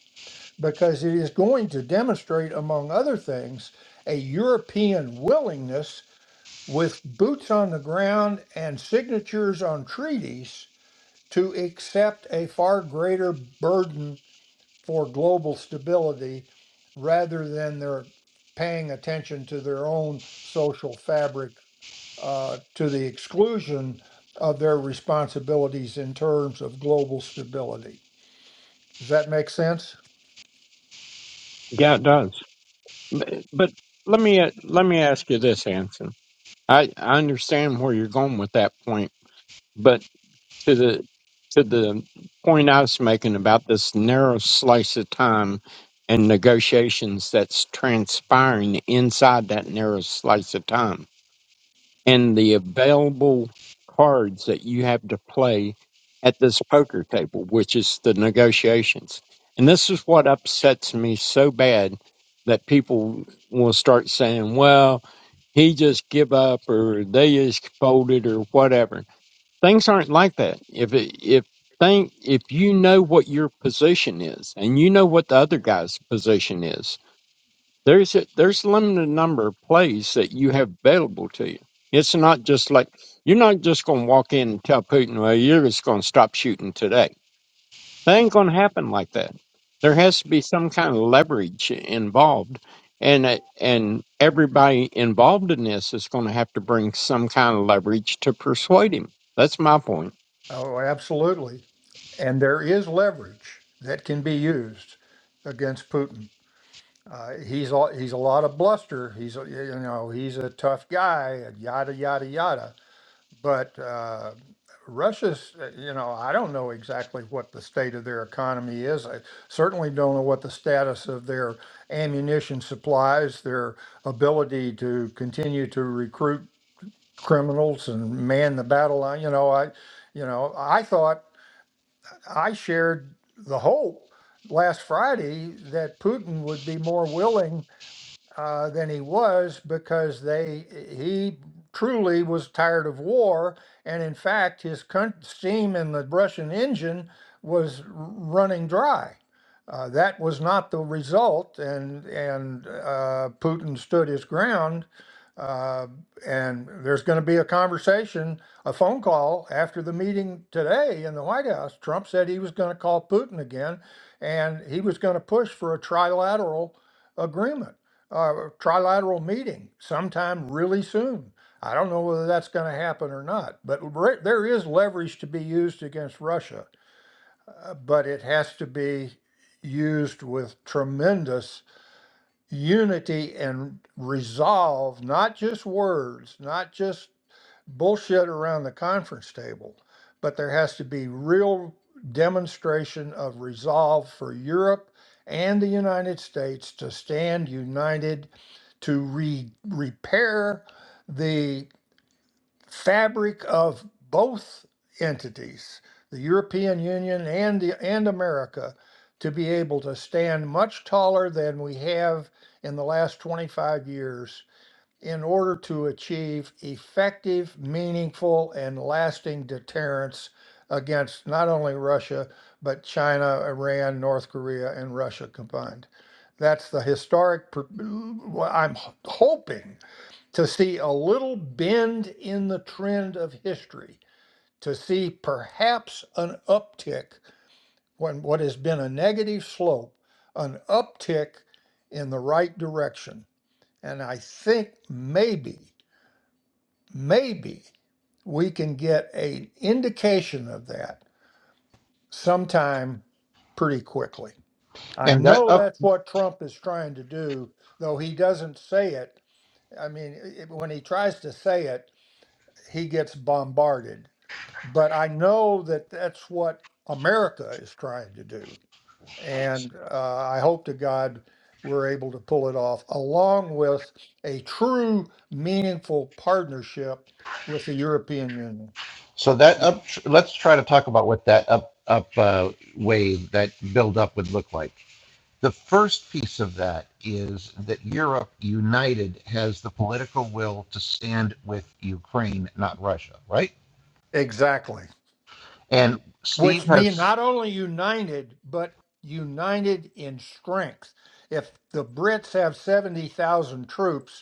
because it is going to demonstrate, among other things, a European willingness with boots on the ground and signatures on treaties to accept a far greater burden for global stability rather than their paying attention to their own social fabric uh, to the exclusion of their responsibilities in terms of global stability. Does that make sense?
Yeah, it does. But, but let me, uh, let me ask you this, Anson. I, I understand where you're going with that point, but to the to the point I was making about this narrow slice of time and negotiations that's transpiring inside that narrow slice of time and the available cards that you have to play at this poker table, which is the negotiations. And this is what upsets me so bad that people will start saying, well, he just give up or they just folded or whatever things aren't like that. If it, if thing if you know what your position is and you know what the other guy's position is, there's a, there's a limited number of plays that you have available to you. It's not just like you're not just going to walk in and tell Putin, "Well, you're just going to stop shooting today." That ain't going to happen like that. There has to be some kind of leverage involved, and it- and everybody involved in this is going to have to bring some kind of leverage to persuade him. That's my point.
Oh, absolutely. And there is leverage that can be used against Putin. Uh, he's a, he's a lot of bluster. He's a, you know he's a tough guy. Yada yada yada But uh, Russia's, uh, you know, I don't know exactly what the state of their economy is. I certainly don't know what the status of their ammunition supplies, their ability to continue to recruit criminals and man the battle line. You know, I, you know, I thought I shared the hope last Friday that Putin would be more willing uh, than he was because they he truly was tired of war, and in fact, his con- steam in the Russian engine was r- running dry. Uh, that was not the result, and and uh, Putin stood his ground uh, and there's going to be a conversation, a phone call after the meeting today in the White House. Trump said he was going to call Putin again, and he was going to push for a trilateral agreement, uh, a trilateral meeting sometime really soon. I don't know whether that's going to happen or not, but re- there is leverage to be used against Russia, uh, but it has to be used with tremendous unity and resolve, not just words, not just bullshit around the conference table, but there has to be real demonstration of resolve for Europe and the United States to stand united to re- repair the fabric of both entities, the European Union and the, and America, to be able to stand much taller than we have in the last 25 years in order to achieve effective, meaningful, and lasting deterrence against not only Russia, but China, Iran, North Korea, and Russia combined. That's the historic, pr- I'm hoping to see a little bend in the trend of history, to see perhaps an uptick when what has been a negative slope, an uptick in the right direction. And I think maybe, maybe we can get an indication of that sometime pretty quickly. I
And that
know
up,
that's what Trump is trying to do, though he doesn't say it. I mean, i- when he tries to say it, he gets bombarded. But I know that that's what America is trying to do. And uh, I hope to God we're able to pull it off, along with a true, meaningful partnership with the European Union.
so that up, let's try to talk about what that up, up uh, wave, that build up would look like. The first piece of that is that Europe united has the political will to stand with Ukraine, not Russia, right?
Exactly.
And Steve
Which mean
has,
not only united, but united in strength. If the Brits have 70,000 troops,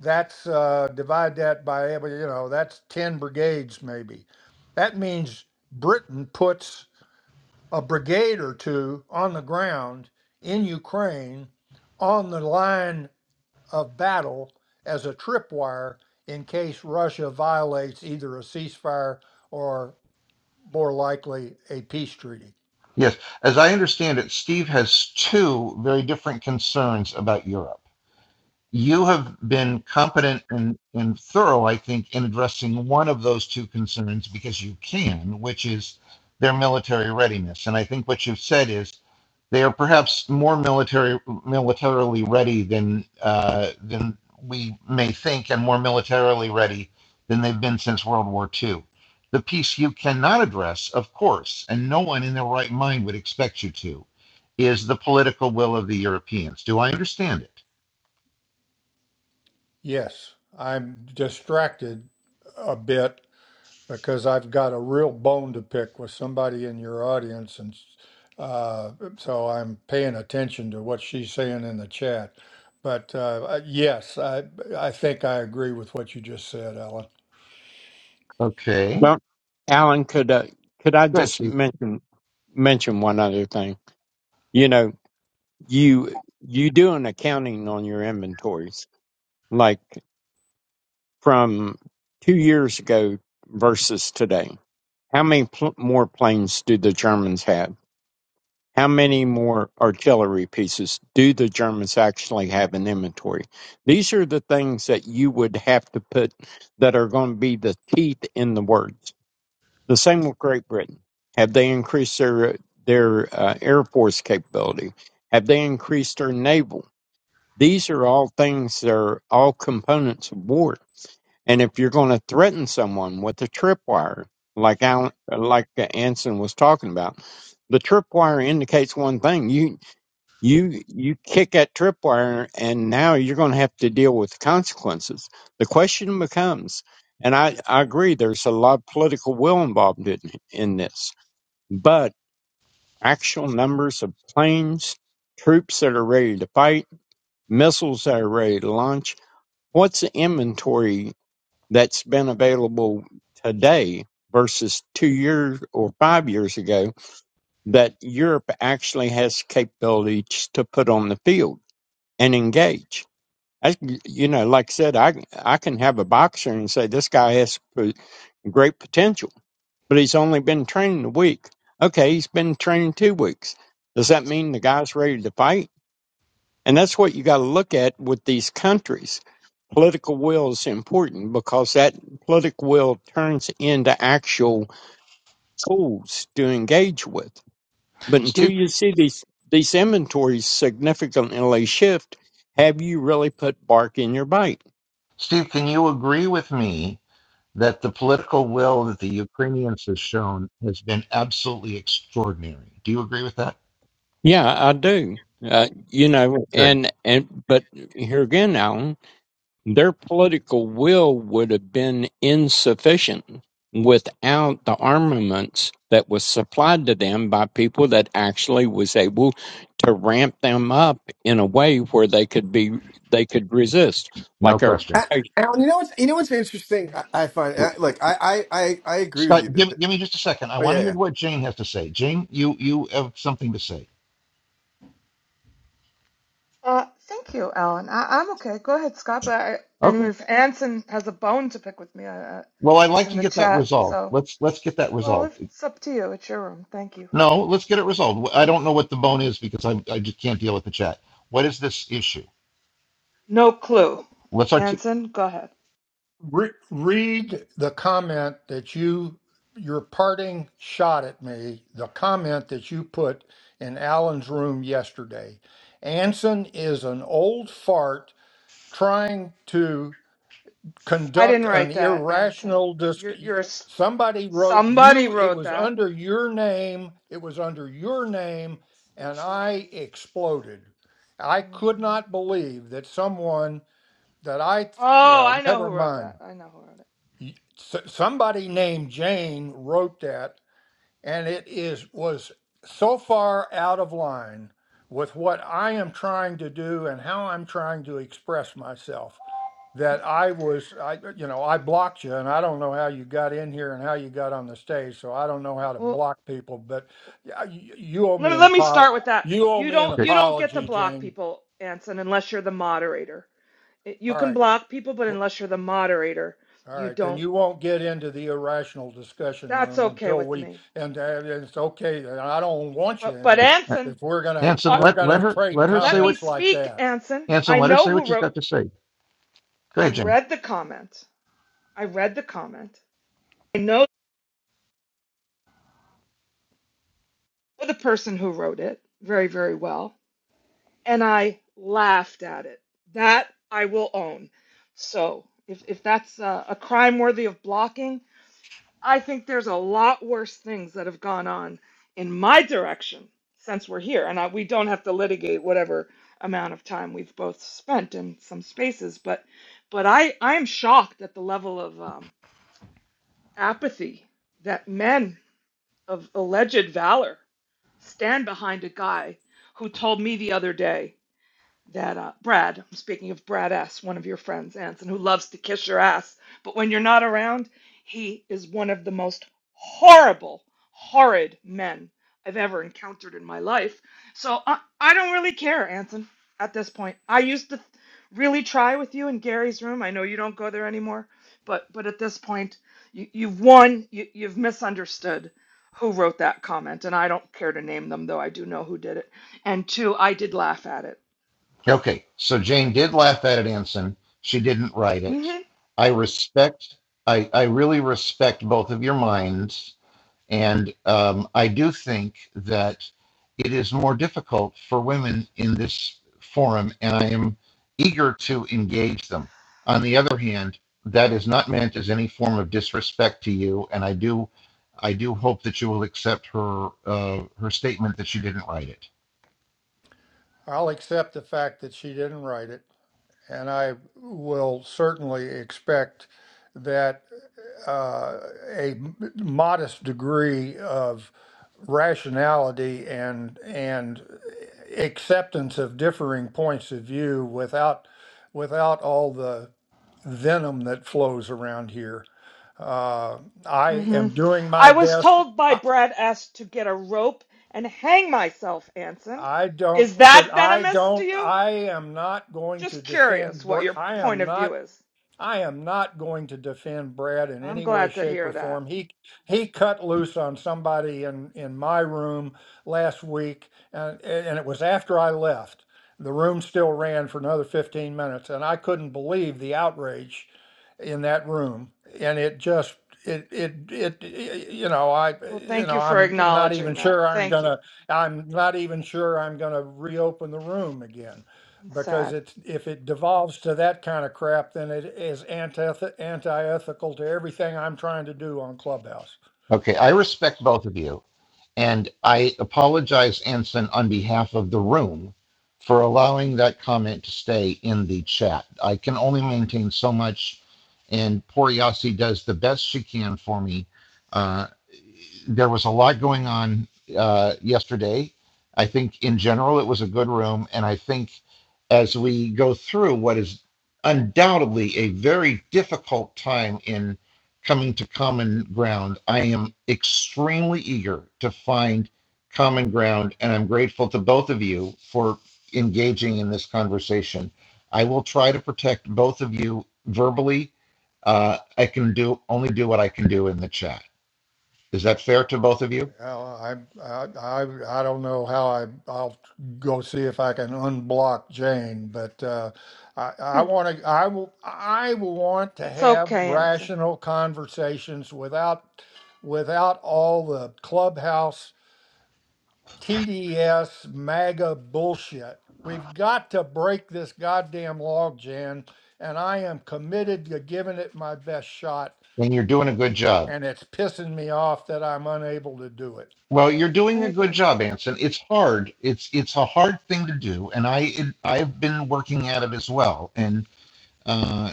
that's uh, divide that by every- you know that's 10 brigades maybe that means britain puts a brigade or two on the ground in ukraine on the line of battle as a tripwire in case russia violates either a ceasefire or more likely a peace treaty
yes, as I understand it, Steve has two very different concerns about Europe. you have been competent and, and thorough, I think, in addressing one of those two concerns because you can, which is their military readiness. And I think what you've said is they are perhaps more military militarily ready than uh, than we may think, and more militarily ready than they've been since World War II. The piece you cannot address, of course, and no one in their right mind would expect you to, is the political will of the Europeans. Do I understand it?
yes i'm distracted a bit because I've got a real bone to pick with somebody in your audience, and uh, so I'm paying attention to what she's saying in the chat. But uh, I- yes, I I think I agree with what you just said, Alan.
Okay.
Well, Alan, could uh, could I
Good,
just
Steve.
mention mention one other thing? You know, you you do an accounting on your inventories, like from two years ago versus today. How many pl- more planes do the Germans have? How many more artillery pieces do the Germans actually have in inventory? These are the things that you would have to put that are going to be the teeth in the words. The same with Great Britain. Have they increased their their uh, air force capability? Have they increased their naval? These are all things that are all components of war. And if you're going to threaten someone with a tripwire, like Alan, like Anson was talking about, the tripwire indicates one thing. You you you kick that tripwire and now you're going to have to deal with the consequences the question becomes and i i agree there's a lot of political will involved in in this but actual numbers of planes troops that are ready to fight missiles that are ready to launch what's the inventory that's been available today versus 2 years or 5 years ago that Europe actually has capabilities to put on the field and engage. I, you know, like I said, I I can have a boxer and say this guy has p- great potential, but he's only been training a week. Okay, he's been training two weeks. Does that mean the guy's ready to fight? And that's what you got to look at with these countries. Political will is important because that political will turns into actual tools to engage with. But until
Steve,
you see these these inventories significantly shift, have you really put bark in your bite?
Steve, can you agree with me that the political will that the Ukrainians have shown has been absolutely extraordinary? Do you agree with that?
Yeah, I do. Uh, you know,
Good,
and and but here again, Alan, their political will would have been insufficient without the armaments that was supplied to them by people that actually was able to ramp them up in a way where they could be they could resist,
no
like our
question.
A- Alan, you know what's you know what's interesting? I, I find
W-
I, like I, I I I agree with you.
Scott,
That,
give,
that-
give me just a second. I
oh
want to
yeah,
hear
yeah.
what Jane has to say. Jane, you you have something to say.
Uh, thank you, Alan. I- I'm okay. Go ahead, Scott. But I, and
Okay.
if Anson has a bone to pick with me, I, I,
Well, I'd
it's
like
in
to
the
get that
chat.
resolved.
So,
Let's let's get that
well,
resolved.
it's up to you. It's your room. Thank you.
No, let's get it resolved. I don't know what the bone is because I I just can't deal with the chat. What is this issue?
No clue.
Let's articulate.
Anson, go ahead.
Re- read the comment that you your parting shot at me. The comment that you put in Alan's room yesterday. Anson is an old fart trying to.
I
conduct
didn't
an
write that, Anson.
irrational dis
You're, you're a s-
somebody wrote
somebody
you it
wrote
was
that.
under your name it was under your name and i exploded i
hmm
could not believe that someone that i th-
Oh,
well
I know
never
who wrote
mind
that. I know who wrote it.
Y- s- somebody named jane wrote that and it is was so far out of line with what i am trying to do and how i'm trying to express myself that I was, I, you know, I blocked you, and I don't know how you got in here and how you got on the stage, so I don't know how to
Well,
block people. But yeah, you, you owe
let
me
me,
an
let me start
apology.
with that.
You owe
You
me an
don't
Okay.
you don't get to
apology,
okay.
block
Jane.
people, Anson, unless you're the moderator. It, you
All
can
right,
block people, but
wh-
unless you're the moderator,
all
you
right, then
don't.
you won't get into the irrational discussion
That's
room
okay
until
with
we.
me.
And uh, it's okay. and I don't want you
But
in
but
there
okay.
Anson,
if we're gonna if
Hanson,
uh,
we're
let let
gonna
her
trade
let her
let
say what
me
comments like
speak,
that.
Anson.
Anson,
I
let her
know
say
who
what she's
wrote.
got to say. Go
I
ahead, Jane.
read the comment. I read the comment. I know the person who wrote it very very well, and I laughed at it. That I will own. So if if that's uh, a crime worthy of blocking. I think there's a lot worse things that have gone on in my direction since we're here. And I, we don't have to litigate whatever amount of time we've both spent in some spaces. But, but I, I am shocked at the level of um, apathy that men of alleged valor stand behind a guy who told me the other day that uh, Brad, speaking of Brad S., one of your friends, Anson, who loves to kiss your ass, but when you're not around, he is one of the most horrible, horrid men I've ever encountered in my life. So I, I don't really care, Anson, at this point. I used to really try with you in Gary's room. I know you don't go there anymore, but but at this point, you, you've won. You, you've misunderstood who wrote that comment, and I don't care to name them, though I do know who did it. And two, I did laugh at it
Okay, so Jane did laugh at it, Anson. She didn't write it.
hmm
I respect, I, I really respect both of your minds. And um, I do think that it is more difficult for women in this forum, and I am eager to engage them. On the other hand, that is not meant as any form of disrespect to you, and I do, I do hope that you will accept her uh, her statement that she didn't write it.
I'll accept the fact that she didn't write it. And I will certainly expect that uh, a m- modest degree of rationality and and acceptance of differing points of view without without all the venom that flows around here. Uh, I
hmm
am doing my
I was
best.
told by
I,
Brad S. to get a rope and hang myself, Anson.
I don't.
Is
So
that
I
venomous to
don't.
you?
I am not going to
Just curious
defend.
what
Br-
your
I
point
am
of
not
view is.
I am not going to defend Brad in
I'm
any way,
glad to
shape,
hear
or
that.
form. He he cut loose on somebody in in my room last week, and and it was after I left. The room still ran for another 15 minutes, and I couldn't believe the outrage in that room. And it just it it it, it you know I
Well,
you
thank
know
you for
I'm not even
acknowledging that.
sure I'm
Thank you.
gonna I'm not even sure I'm gonna reopen the room again
It's
because
sad.
it's if it devolves to that kind of crap, then it is antith- anti-ethical to everything I'm trying to do on Clubhouse.
Okay, I respect both of you. And I apologize, Anson, on behalf of the room for allowing that comment to stay in the chat. I can only maintain so much, and poor Yasi does the best she can for me. Uh, there was a lot going on uh, yesterday. I think in general it was a good room. And I think as we go through what is undoubtedly a very difficult time in coming to common ground. I am extremely eager to find common ground, and I'm grateful to both of you for engaging in this conversation. I will try to protect both of you verbally. Uh, I can do only do what I can do in the chat. Is that fair to both of you?
Well, I, I, I, I don't know how I, I'll go see if I can unblock Jane, but uh, I, I
Hmm.
want to, I will, I will want to
It's
have
okay, Anson.
rational conversations without, without all the clubhouse TDS MAGA bullshit. We've got to break this goddamn log, Jan, and I am committed to giving it my best shot,
And you're doing a good job.
and it's pissing me off that I'm unable to do it.
Well, you're
I
doing a good
agree.
job, Anson. It's hard. It's it's a hard thing to do, and I it, I've been working at it as well. And uh,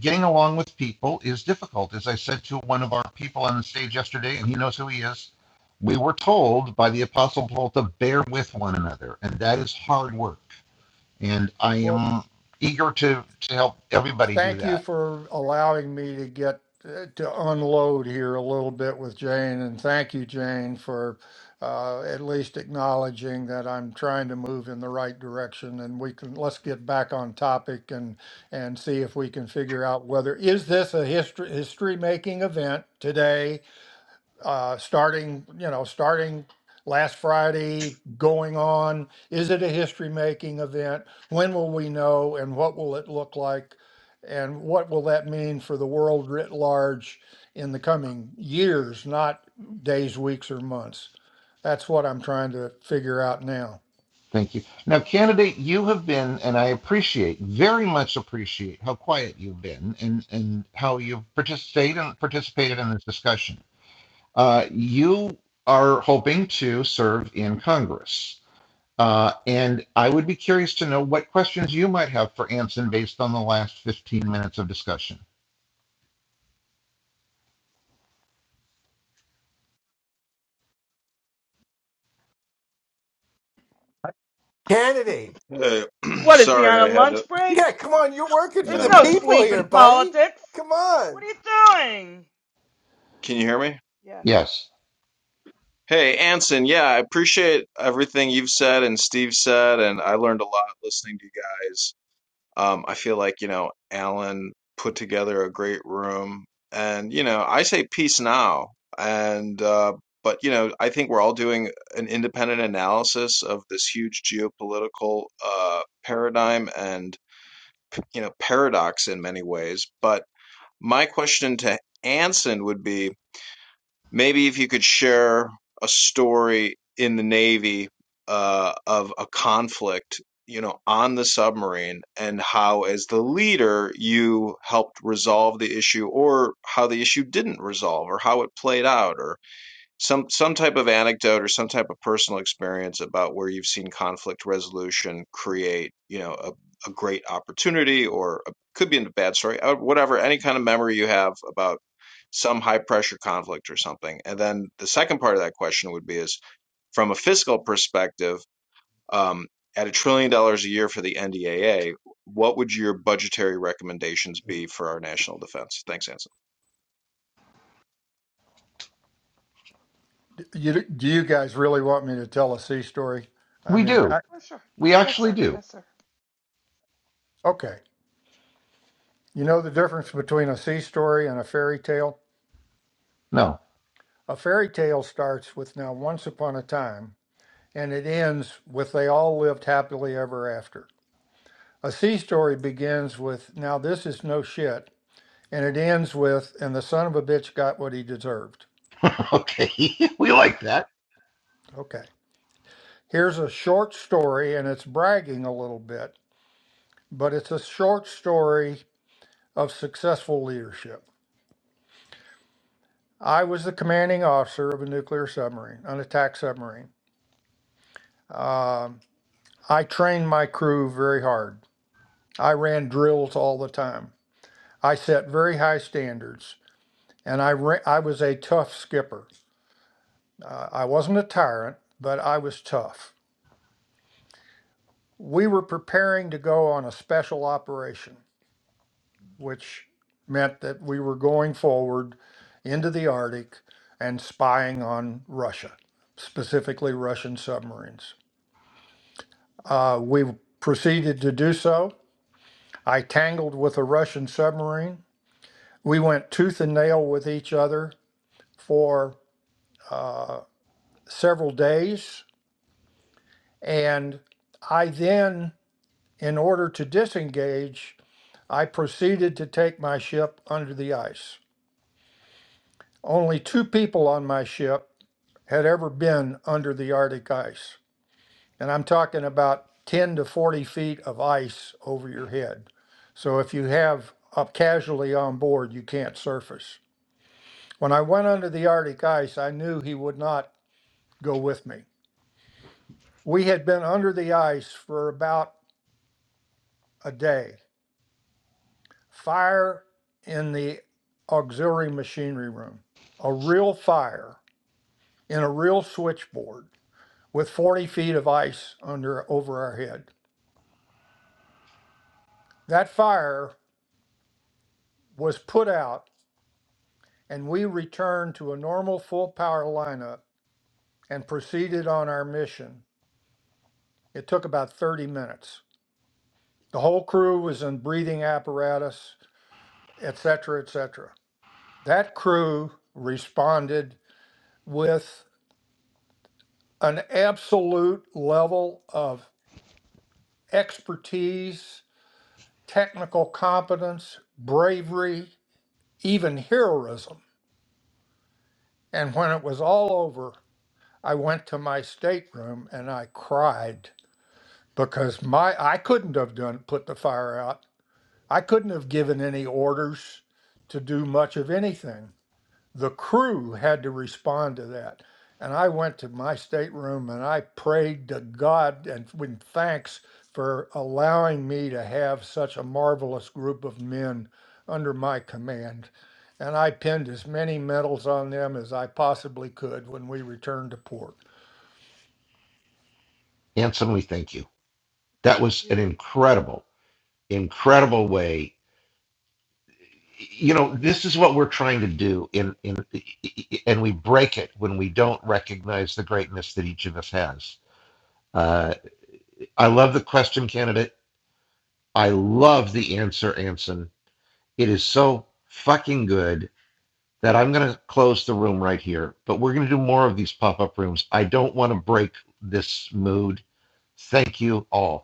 getting along with people is difficult. As I said to one of our people on the stage yesterday, and he knows who he is, we were told by the Apostle Paul to bear with one another, and that is hard work. And I
What
am eager to, to help everybody do
Thank you
that.
for allowing me to get uh, to unload here a little bit with Jane, and thank you, Jane, for uh, at least acknowledging that I'm trying to move in the right direction. And we can let's get back on topic and and see if we can figure out whether is this a history history making event today uh, starting, you know, starting last Friday, going on? Is it a history making event? When will we know and what will it look like? And what will that mean for the world writ large in the coming years, not days, weeks, or months? That's what I'm trying to figure out now.
Thank you. Now, candidate, you have been, and I appreciate, very much appreciate how quiet you've been and, and how you've participated and participated in this discussion. Uh, you are hoping to serve in Congress Uh, and I would be curious to know what questions you might have for Anson based on the last 15 minutes of discussion.
Kennedy,
Uh, (clears throat)
What is he on
sorry
a
i had to
lunch break?
yeah, come on, you're working for
There's
the
no
no
my
people
sleep
here,
in
buddy.
politics.
Come on.
What are you doing?
can you hear me
Yes,
Yes,
Hey, Anson, yeah, I appreciate everything you've said and Steve said, and I learned a lot listening to you guys. Um, I feel like, you know, Alan put together a great room. And, you know, I say peace now. And, uh, but, you know, I think we're all doing an independent analysis of this huge geopolitical uh, paradigm and, you know, paradox in many ways. But my question to Anson would be Maybe if you could share a story in the Navy uh, of a conflict, you know, on the submarine and how, as the leader, you helped resolve the issue or how the issue didn't resolve or how it played out or some some type of anecdote or some type of personal experience about where you've seen conflict resolution create you know a, a great opportunity or a, could be a bad story uh, whatever any kind of memory you have about some high pressure conflict or something and then the second part of that question would be is from a fiscal perspective um, at a trillion dollars a year for the ndaa what would your budgetary recommendations be for our national defense thanks anson
D- You, do you guys really want me to tell a sea story? I
we
mean,
do.
I,
for sure.
We
Yes,
actually
sir.
do.
Yes, sir.
okay. You know the difference between a sea story and a fairy tale?
No.
A fairy tale starts with now once upon a time, and it ends with they all lived happily ever after. A sea story begins with now this is no shit, and it ends with and the son of a bitch got what he deserved.
Okay. (laughs) we like that.
Okay. Here's a short story, and it's bragging a little bit, but it's a short story of successful leadership. I was the commanding officer of a nuclear submarine, an attack submarine. Um, I trained my crew very hard. I ran drills all the time. I set very high standards, and I ran, I was a tough skipper. Uh, I wasn't a tyrant, but I was tough. We were preparing to go on a special operation, which meant that we were going forward into the Arctic and spying on Russia, specifically Russian submarines. Uh, we proceeded to do so. I tangled with a Russian submarine. We went tooth and nail with each other for uh, several days. And I then, in order to disengage, I proceeded to take my ship under the ice. Only two people on my ship had ever been under the Arctic ice. And I'm talking about 10 to 40 feet of ice over your head. So if you have a casualty on board, you can't surface. When I went under the Arctic ice, I knew he would not go with me. We had been under the ice for about a day. Fire in the auxiliary machinery room, a real fire in a real switchboard with 40 feet of ice under over our head. That fire was put out, and we returned to a normal full power lineup and proceeded on our mission. It took about 30 minutes. The whole crew was in breathing apparatus, etc., etc. That crew responded with an absolute level of expertise, technical competence, bravery, even heroism. And when it was all over, I went to my stateroom and I cried because my I couldn't have done put the fire out. I couldn't have given any orders to do much of anything. the crew had to respond to that. And I went to my stateroom and I prayed to God and with thanks for allowing me to have such a marvelous group of men under my command. And I pinned as many medals on them as I possibly could when we returned to port.
Anson, we thank you. That was an
Beautiful.
incredible, incredible way. You know, this is what we're trying to do in, in, and we break it when we don't recognize the greatness that each of us has. Uh, I love the question candidate. I love the answer, Anson It is so fucking good that I'm going to close the room right here, but we're going to do more of these pop up rooms. I don't want to break this mood. Thank you all.